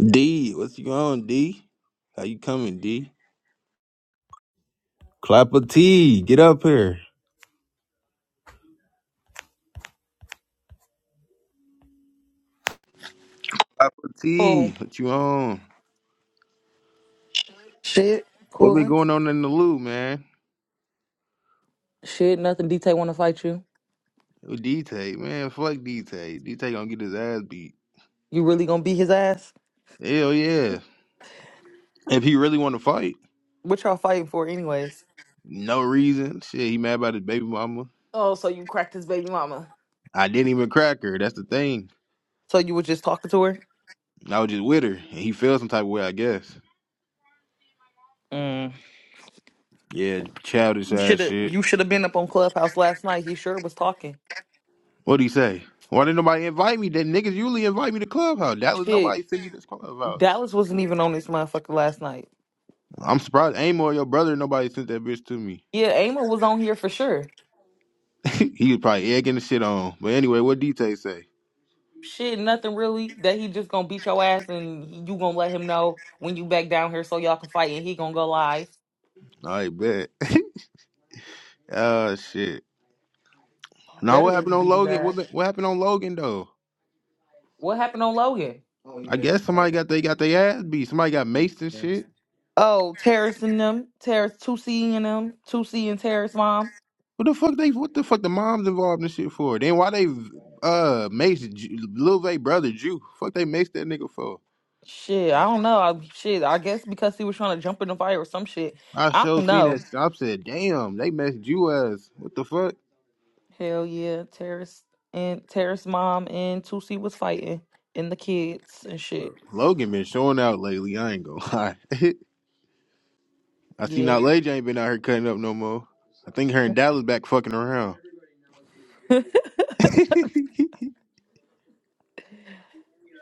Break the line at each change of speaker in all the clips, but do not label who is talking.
D, what's you on, D? How you coming, D? Clap a T, get up here. T,
Oh,
what you on?
Shit,
What been
cooling.
going on in the loop, man?
Shit, nothing. DT want to fight you.
Yo, D-Tay, man, fuck D-Tay. D-Tay gonna get his ass beat.
You really gonna beat his ass?
Hell yeah. If he really want to fight,
What y'all fighting for, anyways?
no reason. Shit, he mad about his baby mama.
oh, so you cracked his baby mama.
I didn't even crack her, that's the thing.
So you was just talking to her?
I was just with her, and he felt some type of way, I guess.
Mm.
Yeah, childish
You
ass
should have.
shit.
You should have been up on Clubhouse last night. He sure was talking.
What'd he say? Why didn't nobody invite me? That niggas usually invite me to Clubhouse. That was
Shit,
nobody sent me to this Clubhouse.
Dallas wasn't even on this motherfucker last night.
I'm surprised Amor, your brother, nobody sent that bitch to me.
Yeah, Amon was on here for sure.
he was probably egging the shit on. But anyway, what DT say?
Shit, nothing really. That he just gonna beat your ass, and he- you gonna let him know when you back down here so y'all can fight, and he gonna go live.
I bet. oh shit.
You
Now
better
what
really
happened on
beat his
Logan?
ass.
What the- what happened on Logan though?
What happened on Logan? Oh yeah,
I
they were
guess somebody
fighting.
got they got their ass beat. Somebody got maced and shit.
Oh, Terrace and them, Terrace two C and them, two C and Terrace mom.
What the fuck they? What the fuck the moms involved in shit for? Then why they uh maced Ju- Lil Vay brother Jew? Fuck they maced that nigga for?
Shit, I don't know. I, shit, I guess because he was trying to jump in the fire or some shit.
I
I
sure
don't
seen that.
know.
shit. I said, damn, they maced you as what the fuck?
Hell yeah, Terrace and Terrace mom and two C was fighting and the kids and shit.
Logan been showing out lately. I ain't gonna lie. I see
Yeah,
now Lady ain't been out here cutting up no more. I think her and Dallas back fucking around.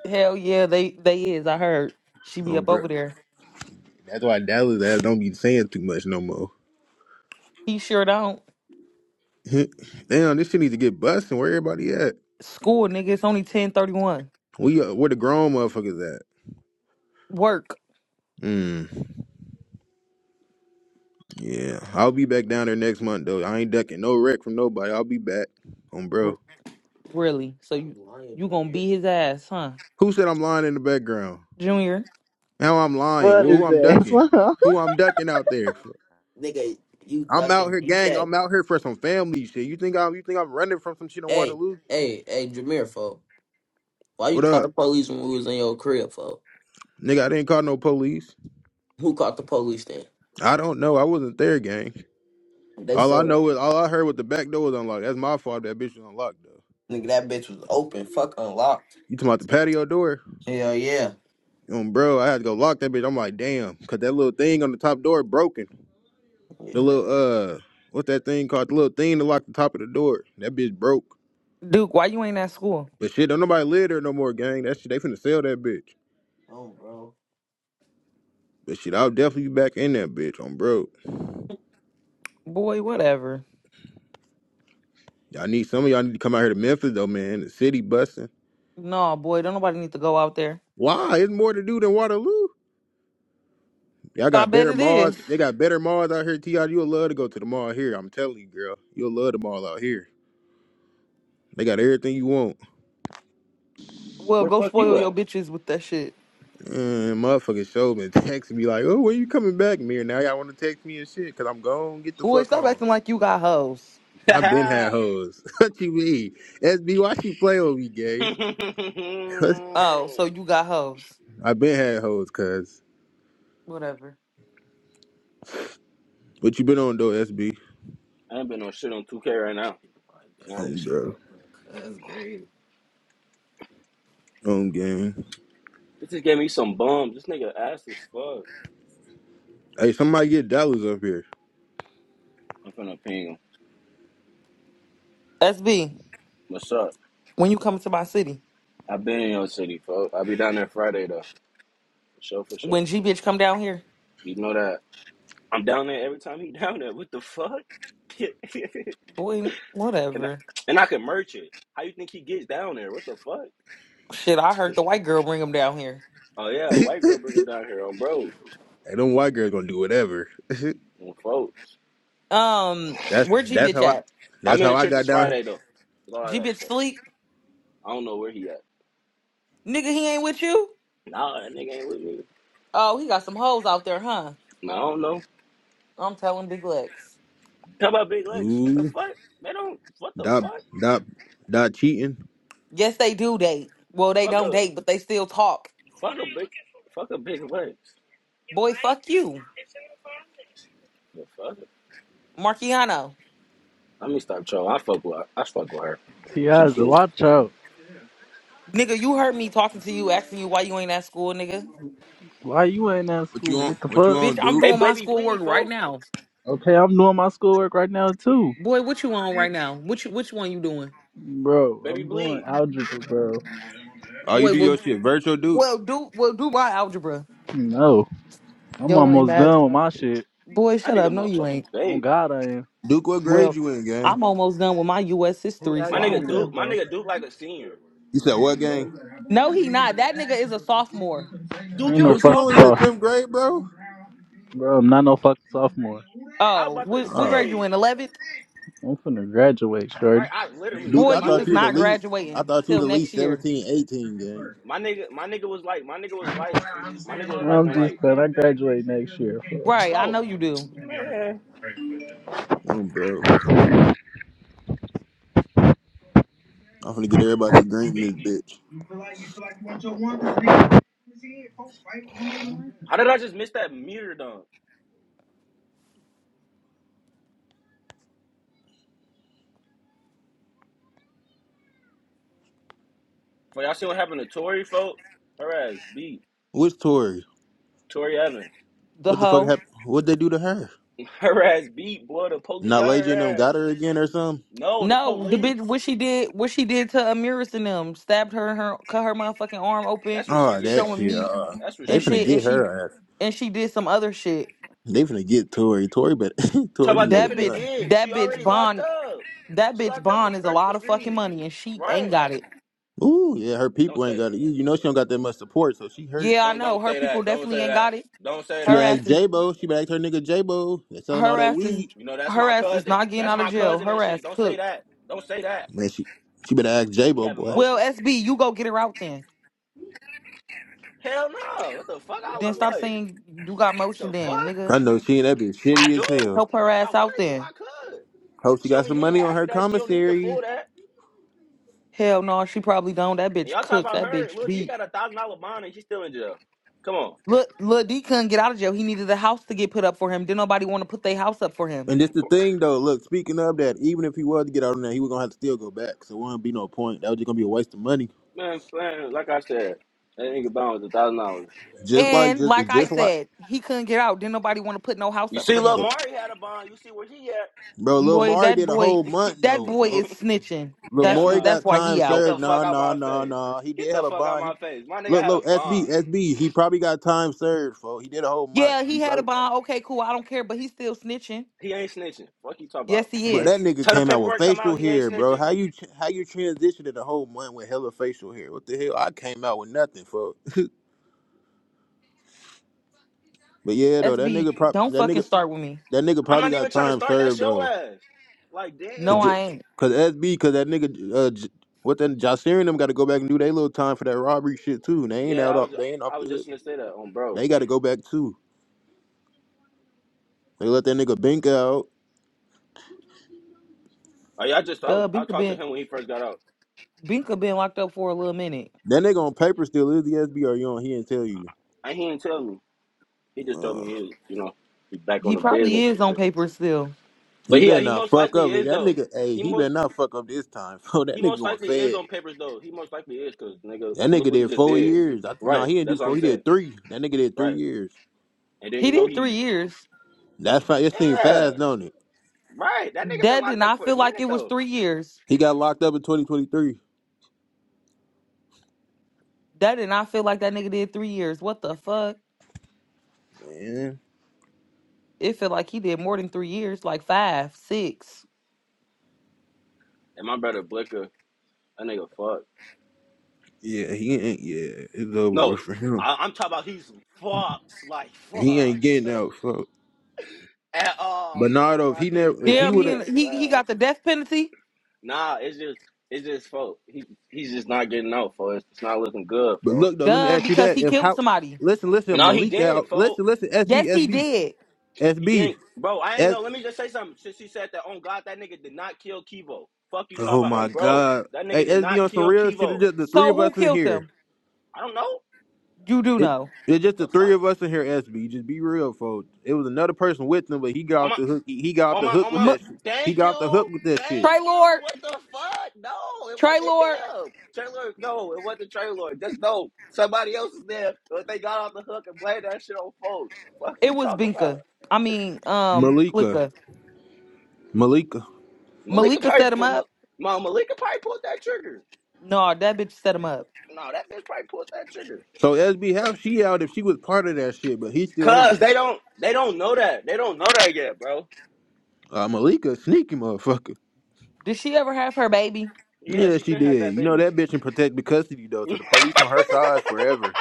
hell yeah, they they is. I heard she be
Oh,
up
bro.
over there.
That's why Dallas ass don't be saying too much no more.
He sure don't.
Damn, this shit needs to get busting. Where everybody at?
School nigga, it's only ten thirty one.
We uh, where the grown motherfuckers at?
Work.
Mm, yeah, I'll be back down there next month though. I ain't ducking no wreck from nobody. I'll be back. Um, bro.
Really? So you I'm lying, you gonna beat his ass, huh,
Who said I'm lying in the background?
Junior?
Now I'm lying.
What
Well,
is
who I'm
that?
ducking?
What?
Who I'm ducking out there?
Nigga, you
I'm out
ducking
here, gang.
Tech?
I'm out here for some family shit. You think I'm you think I'm running from some shit in
Hey,
Waterloo?
hey, hey, Jameer, folk. Why
What
you call
up?
the police when we was in your crib, folk?
Nigga, I didn't call no police.
Who caught the police then?
I don't know. I wasn't there, gang.
They
All
said,
I know is all I heard was the back door was unlocked. That's my fault. That bitch was unlocked though.
nigga, that bitch was open, fuck unlocked.
You talking about the patio door?
Hell yeah.
Um, bro, I had to go lock that bitch. I'm like, damn, cause that little thing on the top door broken. The
Yeah.
little uh, what's that thing called? The little thing to lock the top of the door. That bitch broke.
Duke, why you ain't at school,
But shit, don't nobody live there no more, gang. That shit, they finna sell that bitch.
Oh, bro.
But shit, I'll definitely be back in that bitch. I'm broke.
boy? Whatever.
Y'all need some of y'all need to come out here to Memphis though, man. The city busting.
No, boy, don't nobody need to go out there.
Why? It's more to do than Waterloo. Y'all
I
got
bet
better
it
malls.
is.
They got better malls out here, T.I. You'll love to go to the mall here. I'm telling you, girl. You'll love the mall out here. They got everything you want.
Well,
Where the
go
fuck
spoil
you
your
at?
bitches with that shit,
And motherfucking show me, text me like, oh, when you coming back, Mir? Now y'all want to text me and shit because I'm gone. Get the
boy.
fuck
Stop
on.
acting like you got hoes.
I've been had
I
hoes. what you mean? SB, why she play with me, gay? Cause
Oh, so you got hoes.
I've been had hoes, cuz.
Whatever.
But you been on, though, SB.
ain't been on shit on 2K right now. Not this
Um,
shit
bro.
yet.
That's great.
Um, game.
This just gave me some bums. This nigga ass as fuck.
Hey, somebody get dollars up here.
I'm finna ping him.
SB,
What's up?
when you come to my city,
I been in your city, folks. I'll be down there Friday though. For sure, for sure.
when G bitch come down here,
You know that. I'm down there every time he down there. What the fuck? and
boy,
I,
whatever.
and I can merch it. How you think he gets down there? What the fuck?
Shit, I heard the white girl bring him down here.
Oh yeah, a
hey,
white girl bring him down here on bro.
them white girls gonna do whatever.
On folks.
Um,
That's
where G
that's
bitch
how I
at?
that's
I'm in
how
the
I got
churches
down.
Friday
here.
though. That's all I
G
gotta
bitch
say.
sleep?
I don't know where he at.
Nigga, he ain't with you?
Nah, that nigga ain't with me.
Oh, he got some hoes out there, huh?
Nah, I don't know.
I'm telling Big Lex.
Talk about big legs. What the
Ooh,
fuck? They don't. What the
dot
fuck?
dot dot cheating.
Yes, they do date. Well, they
Fuck
don't
a
date, but they still talk.
fuck a big fuck a big legs.
Boy, fuck you,
The fuck? it.
Marciano.
Let me stop trolling. I fuck with I fuck with her. She
Tiaja,
cool.
watch out.
Nigga, you heard me talking to you, asking you why you ain't at school, nigga.
Why you ain't at
What you
school?
on?
What the
What you
fuck?
Bitch,
on,
I'm
Duke?
Hey,
doing my
baby,
schoolwork
bleed,
right
fo.
now.
Okay, I'm doing my schoolwork right now too.
Boy, what you on right now? Which which one you doing?
Bro,
Baby,
I'm doing
bleed.
algebra, bro.
Oh, you
Boy,
do your
well
shit, virtual Duke.
well do well do my algebra.
No. I'm
Yo lame
almost
ass.
done with my shit.
Boy,
I
shut
need a
up. No, you
motherfucking
ain't.
On
babe.
God I am.
Duke, what grade
Well,
you in, gang?
I'm almost done with my US
Who
history, so
My
asked
I
me
don't
nigga
that,
care.
Duke. My
bro?
nigga Duke like a senior.
You said
I'm
what gang?
bro.
No, he not. That nigga is a sophomore.
I
Duke,
ain't
you're
no
a
Duke, you
fucking
only in the
sophomore.
tenth
sophomore.
grade, bro?
Bro, I'm not no fucking sophomore.
I was
Oh,
about to
what what
Uh,
grade you
say
in? Eleventh?
I'm finna graduate, shorty.
right. I literally
Duke,
Boy,
because
I
my
you
thought
is
you was
nigga,
at
not
least I
graduating
thought you was
till
at
next
least
year.
17, 18, gang.
my nigga, my nigga was like, my nigga was like, my nigga was like,
I'm
I'm
just
like,
glad I graduate next year,
Right, I
oh
know you do.
man.
bro.
No, bro. I'm gonna get everybody green in this bitch.
How did I just miss that meter dunk? For y'all see what happened to Tori, folks? Her ass beat
What's Tori?
Tori Evans.
The
What the fuck
hoe.
happened? What they do to her?
Her ass beat, boy. The police
Not
got her
and them got
ass.
her again or something?
No, the
No, the bitch
police.
what she did what she did to Amiris and them stabbed her in her cut her motherfucking arm open,
That's what she
Oh,
get
that
though.
showing
shit.
meat
Uh,
That's what
they
and
she
finna
shit,
get
get
and
though.
she
her ass.
and she did some other shit.
They finna get Tori. Tori but
Talk
Tori
about
need
they
to
That
get a
finna
gun.
bitch
get.
that
She
bitch
already locked
bond
up.
that
She
bitch
locked up for
bond is a
first
lot of fucking
degree.
money and she ain't
Right?
got it.
Ooh, yeah, her
Don't
people ain't
say that.
got it. You you know she don't got that much support, so she hurt.
Yeah, I
Don't
know.
don't
Her
say
people
that. Don't
definitely
say
ain't
that.
got it.
Don't say
She
Her
that.
better ask
ass is
J-Bo. She better ask her nigga J-Bo. They selling all
her
that
ass is
weed.
You know that's
her
my
ass is
cousin.
not getting
That's
out of
my
jail.
cousin and
Her
shit.
ass
Don't say
cooked.
that. Don't say that.
Man, she, she better ask
We
J-Bo,
have
boy.
Well,
emotion.
SB, you go get her out then.
Hell no. What the fuck I
Then
look
stop
like?
saying you got motion
The
then,
fuck?
nigga.
I know she and that bitch
I
shitty
do.
as hell.
Help her
If I
ass out
wanted to,
then.
I could.
Hope she
She
got
only
some
need
money on
half
her
of that. She don't need the
commissary.
full of that.
Hell no, she probably don't. That
And
bitch
y'all talk
cooked.
about
That
her.
bitch
Lil D
beat.
got a thousand dollar bond and she's still in jail. Come on,
Look, Lil D couldn't get out of jail. He needed a house to get put up for him. Didn't nobody want to put their house up for him.
And this the thing, though. Look, speaking of that, even if he was to get out on that, he was going to have to still go back. So it wouldn't be no point. That was just going to be a waste of money.
man. man like I said, that nigga bond was a thousand dollars.
Just like,
And
just,
like I
just like,
said, he couldn't get out. Didn't nobody want to put no house
You
up
see,
for
Lil
him.
Mari had a bond. You see where he at?
bro,
On
Lil
Boy,
folks.
Mari
that
did a
boy,
whole month,
that
though,
boy
folks.
is snitching. That's
Hell
wh-
Lamori
no.
that's
got
why
time
he
Get
out.
the
served.
fuck
Nah,
out
nah,
my
nah,
face.
nah. He
Get
did
the
have a
fuck out
bond. He
my face. My nigga
look,
had a
look, SB,
bond.
SB. He probably got time served, for he did a whole month.
Yeah,
He
he had a
probably,
bond. Okay, cool. I don't care, but he's still snitching.
He ain't snitching. Fuck you talking
Yes,
about.
he
but
is.
that nigga
Till the
came out with
paperwork come out,
facial
he ain't
hair, bro.
snitching.
How you ch- how you transitioned a whole month with hella facial hair? What the hell? I came out with nothing, for. But yeah, though, that
SB,
nigga prob
don't
that
fucking
nigga
start with me.
that nigga
I'm
probably
not
got
even trying to
time
start that
served
show
though,
ass. Like
cause
No,
damn.
J-
I ain't.
cause SB, cause that nigga uh, J- what then? Jocelyn and them got to go back and do their little time for that robbery shit too. they ain't
Yeah,
out
I
off.
was
They ain't off
I was
the hook.
just gonna say that on bro.
They got to go back too. They let that nigga Bink out.
I, I just I was
Duh,
I
Binka
talked to
been
him when he first got out.
Binka been locked up for a little minute.
That nigga on paper still is the S B. SBR. You on? here and tell you.
And he didn't tell me. He just told
Ugh.
me he was, you know, he back on
He
the
probably
business and
is on
shit.
paper still.
he
But yeah,
better
he
not
most
fuck
likely
up.
is
That
though.
nigga, hey,
He
he
most
better not fuck up this time. Bro, that
he
nigga
most
going
likely is
fed.
on papers though. He most likely is because nigga,
That
well, look
nigga
what he
did
just
four
did.
years. I, no,
Right,
he didn't do
that's what
four.
I'm
He
saying.
did three. That nigga did three
Right,
years.
and then
He
you know
did three
he
years.
That's fine. It seemed
yeah
fast, don't it?
right. That nigga been
That did
locked up
not
for a
feel like it
minute
was
though.
three years.
He got locked up in 2023.
That did not feel like that nigga did three years. What the fuck?
Man,
It felt like he did more than three years, like five, six.
And my brother Blicker, that nigga fucked.
yeah, he ain't. Yeah, it's over with
No,
for him.
I, I'm talking about he's fucked like
He ain't
fucked.
getting out. Fuck.
at all,
But nah,
fool.
though, if
My
he
nigga
never, if
finna go
he
Damn,
do
would
he
have,
that.
he he
Uh,
got the death penalty.
nah, it's just it's just folk. He he's just not getting out, folks. It's, it's not looking good,
but
folks.
look though, let me
Duh,
ask you
because
that.
he
If
killed
how,
somebody.
listen, listen,
No, he
Malik
didn't,
out.
folks.
Listen, listen, S
Yes,
B S
he
B.
did.
He
SB,
didn't, bro. I ain't know. Let me just say something. Since he said that, on God, that nigga did not kill Kivo. Fuck you, talking
Oh
about
my
on bro.
God.
That
Hey,
nigga did
SB
not
on some
kill
real shit. It's
Kivo.
just the three
So
of
who
us in
killed
here.
him?
I don't know
You do
It,
know.
it's just the
the
three
fuck.
of us in here. SB, just be real, folks. It was another person with them, but he got off the hook. He, he got off
On
the
my
hook
on
with
my
M-
that. Shit. He
thank
got off the hook
you.
with that shit.
Thank
Trey
you.
Lord.
What the fuck? No, it
Trey
wasn't
Lord.
him. Trailer, no, it wasn't Trailer. Just no. Somebody else is there. But they got off the hook and blamed that shit on folks. Fuck
It
you
was
talk about.
Binka. I mean, um,
Malika,
Malika.
Malika.
Malika
Malika
probably
set him
Ma-
up.
Ma- Malika probably pulled that trigger.
No, that bitch set him up.
No, that bitch probably pulled that trigger.
So SB, how she out if she was part of that shit? But he's still in
Cause
there.
they don't they don't know that. They don't know that yet, bro.
Uh, Malika, sneaky motherfucker.
Did she ever have her baby?
Yeah,
Yeah,
she
she
been had
did.
that
You know
baby.
that bitch in protective custody though. So the police on her side forever.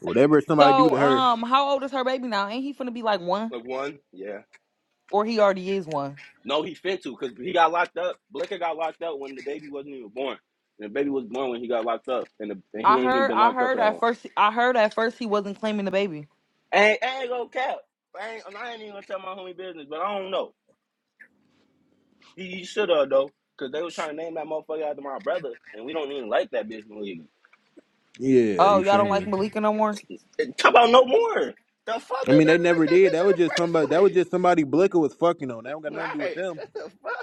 Whatever somebody do
So,
to her.
um, how old is her baby now? Ain't he finna be like one,
Like one? yeah.
or he already is one?
No, he fin to because he got locked up. Blinker got locked up when the baby wasn't even born. And the baby was born when he got locked up, and, the, and
I
he ain't even
heard,
been
I
locked up for
heard
that
at
long.
first, I heard at first he wasn't claiming the baby.
I Ain't I ain't gonna cap. I ain't, I ain't even gonna tell my homie business, but I don't know. He, he should have though, because they was trying to name that motherfucker after my brother, and we don't even like that bitch. Believe
Yeah,
Oh,
you
y'all
feel
don't like
me?
Malika no more?
me. Talk about no more. The fuck,
I
we
mean, they
never
never
liked that
did. That was just
bitch
somebody.
in the first
That was
place.
just somebody Blicker was fucking on. That don't got nothing to do with
Right?
them.
What the fuck?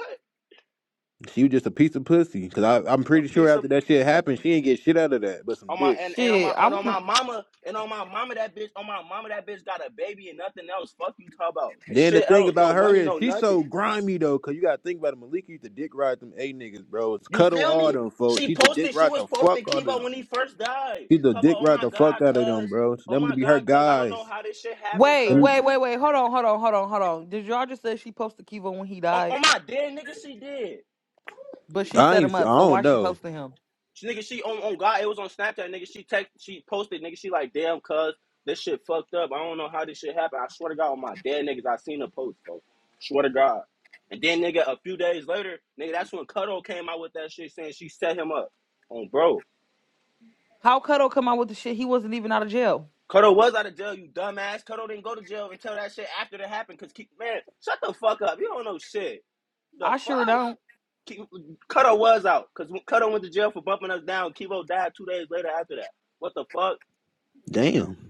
She was just a piece of pussy. Cause I, I'm
A
pretty sure
piece of
after that shit
a.
happened, she didn't get shit out of that, but some
On my
dick.
and, and on
Shit,
my and
I'm
on
gonna
my mama and on my mama that bitch on my mama that bitch got a baby and nothing else. Fuck you talk about and
Then the
shit
thing
else.
about
No
her
money,
is
no
she's
nothing.
so grimy though, cause you gotta think about it. Malika used to dick ride them A niggas, bro. It's
You
cuddle
feel
all
me?
them folks.
She
She's the dick
posted. She
ride
was
the fuck
posting
out of
Kiva
them.
when he first died.
She's the
Talk
dick
about oh
ride
my
the fuck
god,
out of them,
cuz
bro.
oh
Them to
my
be her
god, cuz I don't know
guys.
how this shit happened,
wait,
cuz
Them-
wait, wait, wait. Hold on, hold on, hold on, hold on. Did y'all just say she posted Kiva when he
on,
died?
on my dead nigga, she did.
But she
I
set
ain't.
him up,
I
so why
don't
she
know.
posting him?
She nigga, she on, on God, it was on Snapchat, nigga. She text, she posted, nigga. She like, damn, cuz this shit fucked up. I don't know how this shit happened. I swear to God, on my dead niggas, I seen the post, bro. Swear to God. And then, nigga, a few days later, nigga, that's when Cuddle came out with that shit saying she set him up. On bro,
How Cuddle come out with the shit? He wasn't even out of jail.
Cuddle was out of jail, you dumbass. Cuddle didn't go to jail until that shit after that happened. Cause keep, man, shut the fuck up. You don't know shit. The
I sure
fuck.
don't.
Cuddle was out, cause Cuddle went to jail for bumping us down, Kivo died two days later after that. What the fuck?
Damn.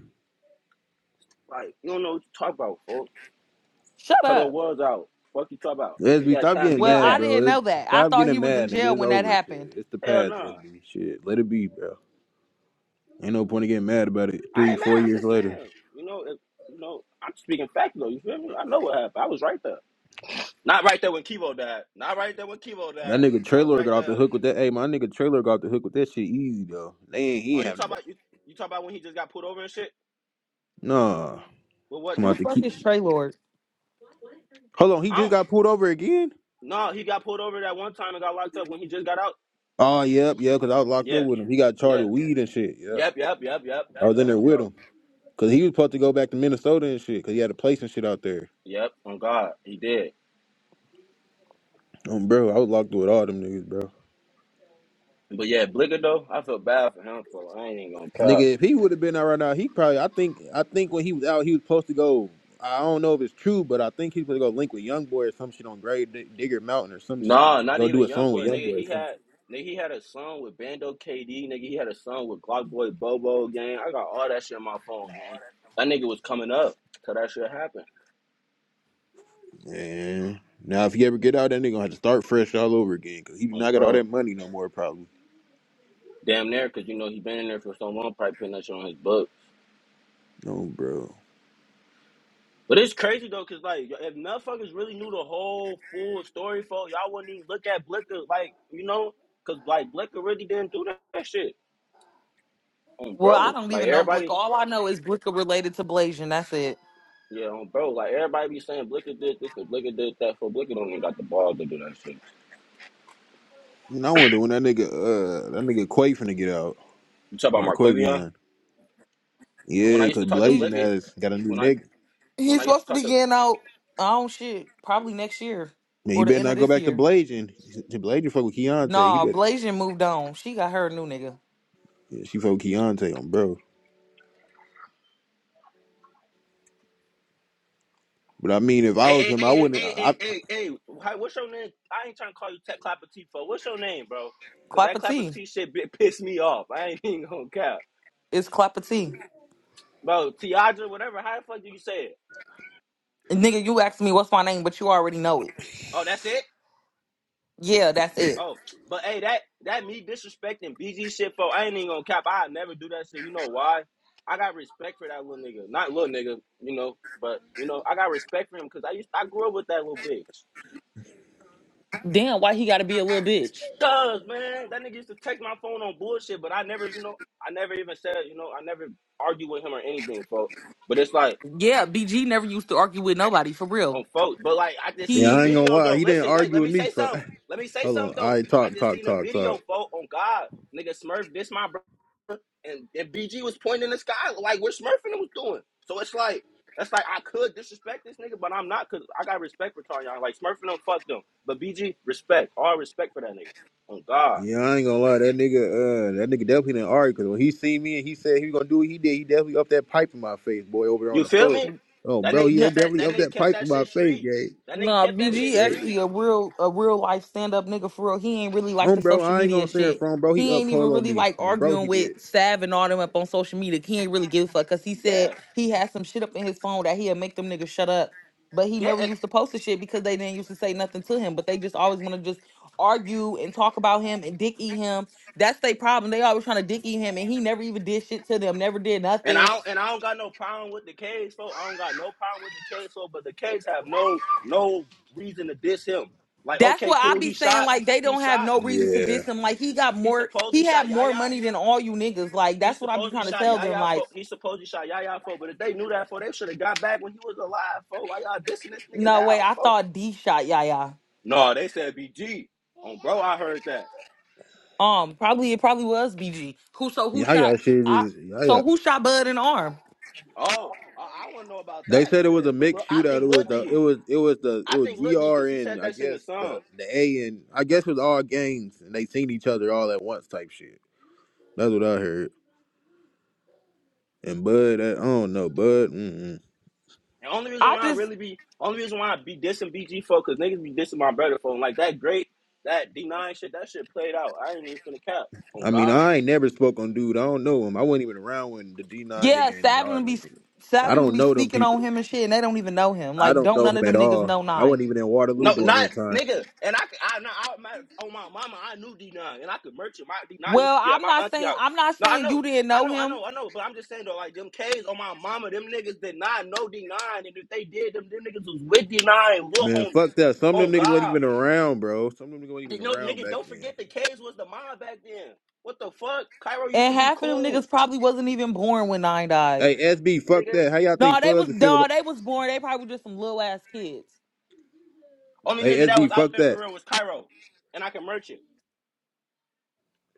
Like, you don't know what you talk about, folks.
Shut
Cut her
up.
words out. Fuck you talk about. He
SB,
had
stop
time to
getting
Well,
get
mad,
I
back.
didn't
bro. It,
know that. I
stop
thought he
getting
was in
mad, nigga.
jail
It's
when that
over, shit.
happened.
It's the
Hell
past,
nah.
SB. Shit, let it be, bro. Ain't no point in getting mad about it.
I
Three,
ain't
four
mad. I'm
years
just
later,
saying. You know, if, you know, I'm speaking fact though. You feel me? I know what happened. I was right there. Not right there when Kivo died. Not right there when Kivo
that
died.
nigga
I was
Trailer
right
got off the
there.
hook with that. Hey, my nigga Trailer got off the hook with that shit easy though. They ain't he
Oh,
ain't
you
have
talk about you you talk about when he just got pulled over and shit?
nah.
Well what
I'm
Who the
then?
about to
fuck
keep.
is Trey Lord?
Hold on, he
I
just
don't
got pulled over again.
no, he got pulled over that one time and got locked up when he just got out.
Oh, yep, yeah, because I was locked up
Yeah,
with him. He got charged
yeah.
with weed and shit. Yep,
Yep, yep, yep, yep.
I was in
Yep,
there
on
with
bro.
him because he was supposed to go back to Minnesota and shit because he had a place and shit out there.
Yep, on God. He did.
Um, bro, I was locked up with all them niggas, bro.
But yeah, Blicker though, I feel bad for him for I ain't even gonna cop.
Nigga, if he would have been out right now, he probably. I think. I think when he was out, he was supposed to go. I don't know if it's true, but I think he's supposed to go link with Young Boy or some shit on Grave Dig- Digger Mountain or some shit.
Nah, not
Go do
even
a song with
Youngboy,
Young
nigga.
Boy or
He
some
had
shit.
nigga, he had a song with Bando KD, nigga. He had a song with Glock Boy Bobo gang. I got all that shit in my phone, gang. That nigga was coming up till that shit happened.
Man, now if he ever get out, that nigga gonna have to start fresh all over again because he do
Um,
not got all that
bro,
money no more. Probably.
damn near, cause you know he been in there for so long, probably putting that shit on his book.
No, bro.
But it's crazy though, cause like if motherfuckers really knew the whole full story, for y'all wouldn't even look at Blicker, like you know, cause like Blicker really didn't do that shit. Um,
Well, I
bro,
don't
like
even know
everybody
Blicker. All I know is Blicker related to Blasian. That's it.
Yeah, um, bro, like everybody be saying Blicker did this and Blicker did that for Blicker don't even got the ball to do that shit.
And I wonder when that nigga, uh, that nigga Quay finna get out.
You talk about
Mark
Marquavion?
Quavion.
When
Yeah,
I used
because
to talk to
He
Blazing
Blicker,
has got a new
when I
nigga.
when
he's
I used to
supposed to
talk
be
to
getting out. Oh shit, probably next year
Man, you
or the
better
end of
not go
this
back to
year.
Blazing. Blazing fuck with Keontae. He
Nah,
better.
Blasian moved on. She got her a new nigga.
Yeah, she fuck with Keontae on bro. But I mean, if I
Hey,
was
hey, hey,
him, I
hey,
wouldn't.
hey, hey,
I,
hey, hey, hi- what's your name? I ain't trying to call you Tech Clapper T for what's your name, bro? Cause that
Clapper
Clapper
T.
T shit bit pissed me off. I ain't even gonna cap.
It's Clapper T.
Bro, Tiadra, whatever, how the fuck do you say it?
And nigga, you asked me what's my name, but you already know it.
Oh, that's it?
Yeah, that's it.
Oh, but hey, that that me disrespecting BG shit for I ain't even gonna cap. I never do that shit. You know why? I got respect for that little nigga. Not little nigga, you know, but you know, I got respect for him because I used I grew up with that little bitch.
Damn, why he gotta be a little bitch?
Cuz man, that nigga used to text my phone on bullshit, but I never, you know, I never even said, you know, I never argued with him or anything, folks. But it's like
Yeah, BG never used to argue with nobody for real.
on folks. But like I just
yeah,
seen a
I
He
ain't gonna
video
lie.
though.
He didn't
Listen, like
argue
let
with
me
me.
say
For,
something. Let me say something
hold on. All
though.
right,
I
talk,
just
talk,
seen a
talk, talk.
video, folks, on God. Nigga Smurf, this my brother. and, and BG was pointing in the sky like where Smurfing was doing. So it's like that's like I could disrespect this nigga, but I'm not because I got respect for Tarion. Like Smurfing them, fuck them. But BG, respect, all respect for that nigga. Oh God,
Yeah, I ain't gonna lie. That nigga, uh, that nigga definitely didn't argue. Cause when he seen me and he said he was gonna do what he did, he definitely up that pipe in my face, boy, over there on
you
the
feel
phone.
me?
Oh,
That
bro,
nigga
he had
kept that.
definitely
That
up
nigga
that
kept
pipe in
that
my
shit
face,
street.
gang.
That nigga
Nah,
kept that shit
BG
Okay.
actually
street.
a real a real life stand up nigga for real. He ain't really like
Um,
the
bro,
social
I ain't
media
gonna say it
shit.
from bro. He
He
up
ain't even
pole on
really
me.
like
Um, bro, he
arguing
did.
with Sav and all them up on social media. He ain't really give a fuck because he said
Yeah,
he had some shit up in his phone that he'll make them niggas shut up. But he
yeah.
never
And
used to post the shit because they didn't used to say nothing to him. But they just always want to just argue and talk about him and dick eat him. That's their problem. They always trying to dick eat him and he never even did shit to them, never did
and I
nothing.
don't, and I don't got no problem with the K's folk. I don't got no problem with the K's folk. But the K's have no no reason to diss him. Like
That's
okay,
what I
cool.
be
He
saying.
shot.
Like they
He
don't have
shot.
no reason to
Yeah.
diss him. Like he got
He
more.
supposedly
He had
shot
more
Yaya.
money than all you niggas. Like
He
that's what I be
supposedly
trying to
shot
tell them.
Yaya
Like
for. He supposedly shot Yaya for. But if they knew that for, they should have got back when he was alive. For why y'all dissing this nigga
no way.
now?
I
For
thought D shot Yaya.
no, they said BG. On bro, I heard that.
Um, probably it probably was BG. Who so who
Y'all y'all
shot?
shit
I
is y'all
so who shot Bud in the arm?
Oh, I, I want to know about
They
that
said it was a
shit. But look,
mixed
I
shootout. It
think
was
Lil
the it
D.
was it was the it
I
was
think Lil D
GR
because he
and
said
I
that shit in the
guess the
song.
the A and I guess it was all gangs and they seen each other all at once type shit. That's what I heard. And Bud, I, I don't know, Bud. Mm-mm.
And only reason
I
why I
just
really be, only reason why I be dissing BG for, cause niggas be dissing my brother for. like that great, that D9 shit, that shit played out. I ain't even finna cap on
I mean,
God.
I ain't never spoke on dude. I don't know him. I wasn't even around when the D nine
yeah.
nigga and
Savin
all
will be
them. niggas. I
Savin will
don't
be
know them
speaking
people.
on him and shit, and they don't even know him.
I
Like
don't
don't
know
none
him
of
at
them niggas
all.
know
I
nine.
wasn't even in Waterloo
No,
during
not
that time.
nigga. And I, could- I, no, I my, on my mama, I knew D nine, and I could merch it. My D nine used
Well,
to be at
I'm
my
not
auntie
saying
house.
I'm not
No, I
saying
know,
you didn't
I
know
know, I
him,
know, I know. But I'm just saying though, like them K's on my mama, them niggas did not know D nine, and if they did, them them niggas was with D nine and little
Man,
homies.
fuck that. Some of
Oh
them niggas wasn't
God,
even around, bro. Some of them niggas wasn't
you
even
know,
around
nigga,
back
don't
then.
forget the K's was the mob back then. What the fuck? Cairo used
and
to be
half of them
cool,
niggas probably wasn't even born when nine died.
Hey, SB, fuck
nigga.
that. How y'all
No,
think
they
Fuzz
was
would feel about?
dog. They was born. They probably just some little ass kids.
Only
Hey,
nigga that
SB,
was out
fuck
there
that.
for real was Cairo, and I can merch it.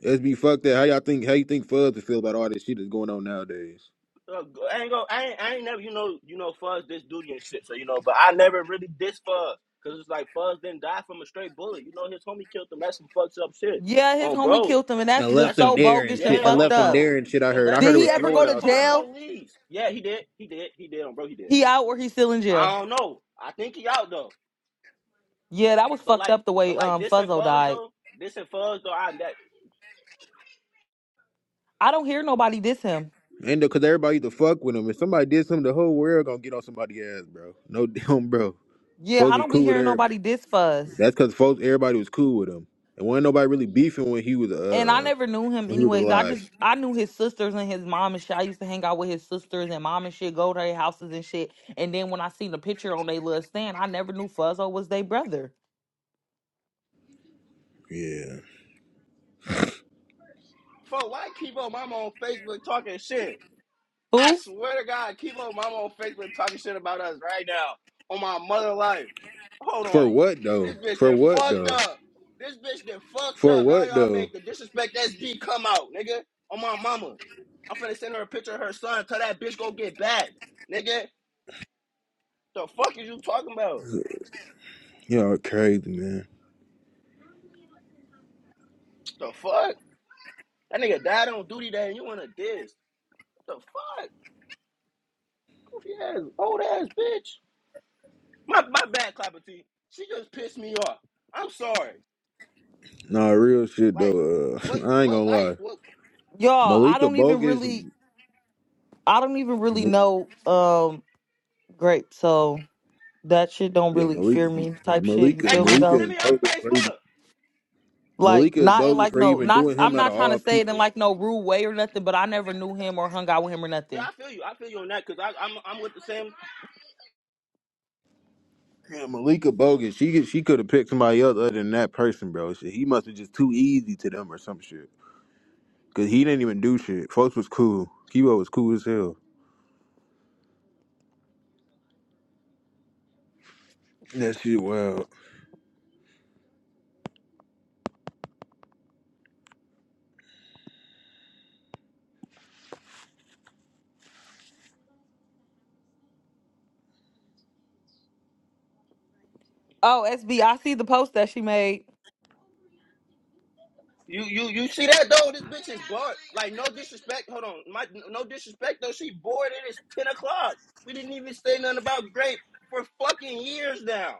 SB, fuck that. How y'all think? How you think Fuzz would feel about all this shit that's going on nowadays?
Uh, I ain't go. I ain't, I ain't never. You know. You know. Fuzz this duty and shit. So you know. But I never really diss Fuzz because it's like Fuzz didn't die from a straight bullet. You know, his homie killed him. That's some fucked up shit.
Yeah, his
On
homie
bro.
killed him, and that's
And left
just
That's
them
so
some.
there and
bogus and
shit.
Yeah.
And
fucked
On
left them
up.
there
bro.
and shit. I
And
heard. I
left
Did
heard
him
it
he
was
there.
ever
Didn't
snowing
go to
even call the
outside.
jail?
police. Yeah. He did. He did. He did. On bro. He did.
He out or he still in
I
jail?
don't know. I think he out though.
Yeah, that was
But
fucked
like.
up the way
But like
um
this and
Fuzzo
Fuzz
died.
though. This and Fuzz though. I that.
I don't hear nobody diss him.
And because everybody used to fuck with him. If somebody did something, the whole world gonna get on somebody's ass, bro. No damn, bro.
Yeah,
Folks
I
was
don't be
cool with
hearing
everybody.
nobody diss Fuzz.
That's because folks, everybody was cool with him. And wasn't nobody really beefing when he was
And I
uh
never knew him
when he was
anyways. I
alive.
just I knew his sisters and his mom and shit. I used to hang out with his sisters and mom and shit, go to their houses and shit. And then when I seen the picture on their little stand, I never knew Fuzzo was their brother.
Yeah.
Fuck. Why keep on mama on Facebook talking shit? I
Who?
swear to God, keep on mama on Facebook talking shit about us right now. On my mother life. Hold
For
on.
what though?
This bitch
For
done
what
fucked
though?
up. This bitch done fucked
For
up. Now
what
y'all
though?
make the disrespect SB come out, nigga. On my mama. I'm finna send her a picture of her son. Tell that bitch go get back. Nigga. The fuck is you talking about?
You know, crazy man.
The fuck? That nigga died on duty day and you wanna diss. The fuck? Goofy ass, old ass bitch. My my bad, Clapper T. She just pissed me off. I'm sorry.
Nah, real shit
Like,
though. Uh,
what
I ain't gonna
what life?
lie.
What?
Y'all, I
Malika
don't even
bogus.
really
M-
I don't even really know um grape, so that shit don't
Yeah,
really
Malika,
fear me type shit. You
Malika,
Hey,
feel me
Quincy,
Malika
though?
send
is
me her
bogus for even.
Facebook.
Like
Malika is
not in
bogus
like
for
no
even
not
doing him
I'm
out of
not trying
all
to say it in
people.
like no rude way or nothing, but I never knew him or hung out with him or
Yeah,
nothing.
I feel you. I feel you on that because I'm I'm with the same.
Yeah, Malika bogus. She could- she could have picked somebody else other than that person, bro. Shit, he must have just too easy to them or some shit. Cause he didn't even do shit. Folks was cool. Kibo was cool as hell. That shit wild.
Oh, SB, I see the post that she made.
You you you see that though? This bitch is bored. Like no disrespect. Hold on, my no disrespect though. She bored. It is ten o'clock. We didn't even say nothing about grape for fucking years now.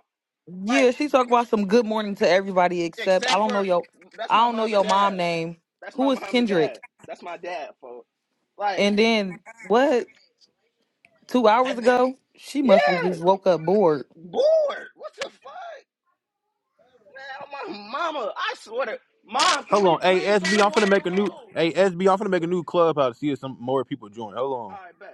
Yeah,
Like
she talked about some good morning to everybody except I
except
don't know
for
your
that's
I
my
don't know
mom and
your mom
dad.
name.
That's
Who
my
is
mom and
Kendrick?
dad. That's my dad. For like,
And then what? Two hours
that been-
ago? She must have
yeah,
just woke up bored.
bored. What the fuck? Man, my mama, I swear to mom, can
Hold
we
on, hey
please go
SB,
to
am finna make a new
Waterloo? All
hey SB, am finna make a new clubhouse to see if some more people join. Hold on.
right, bet.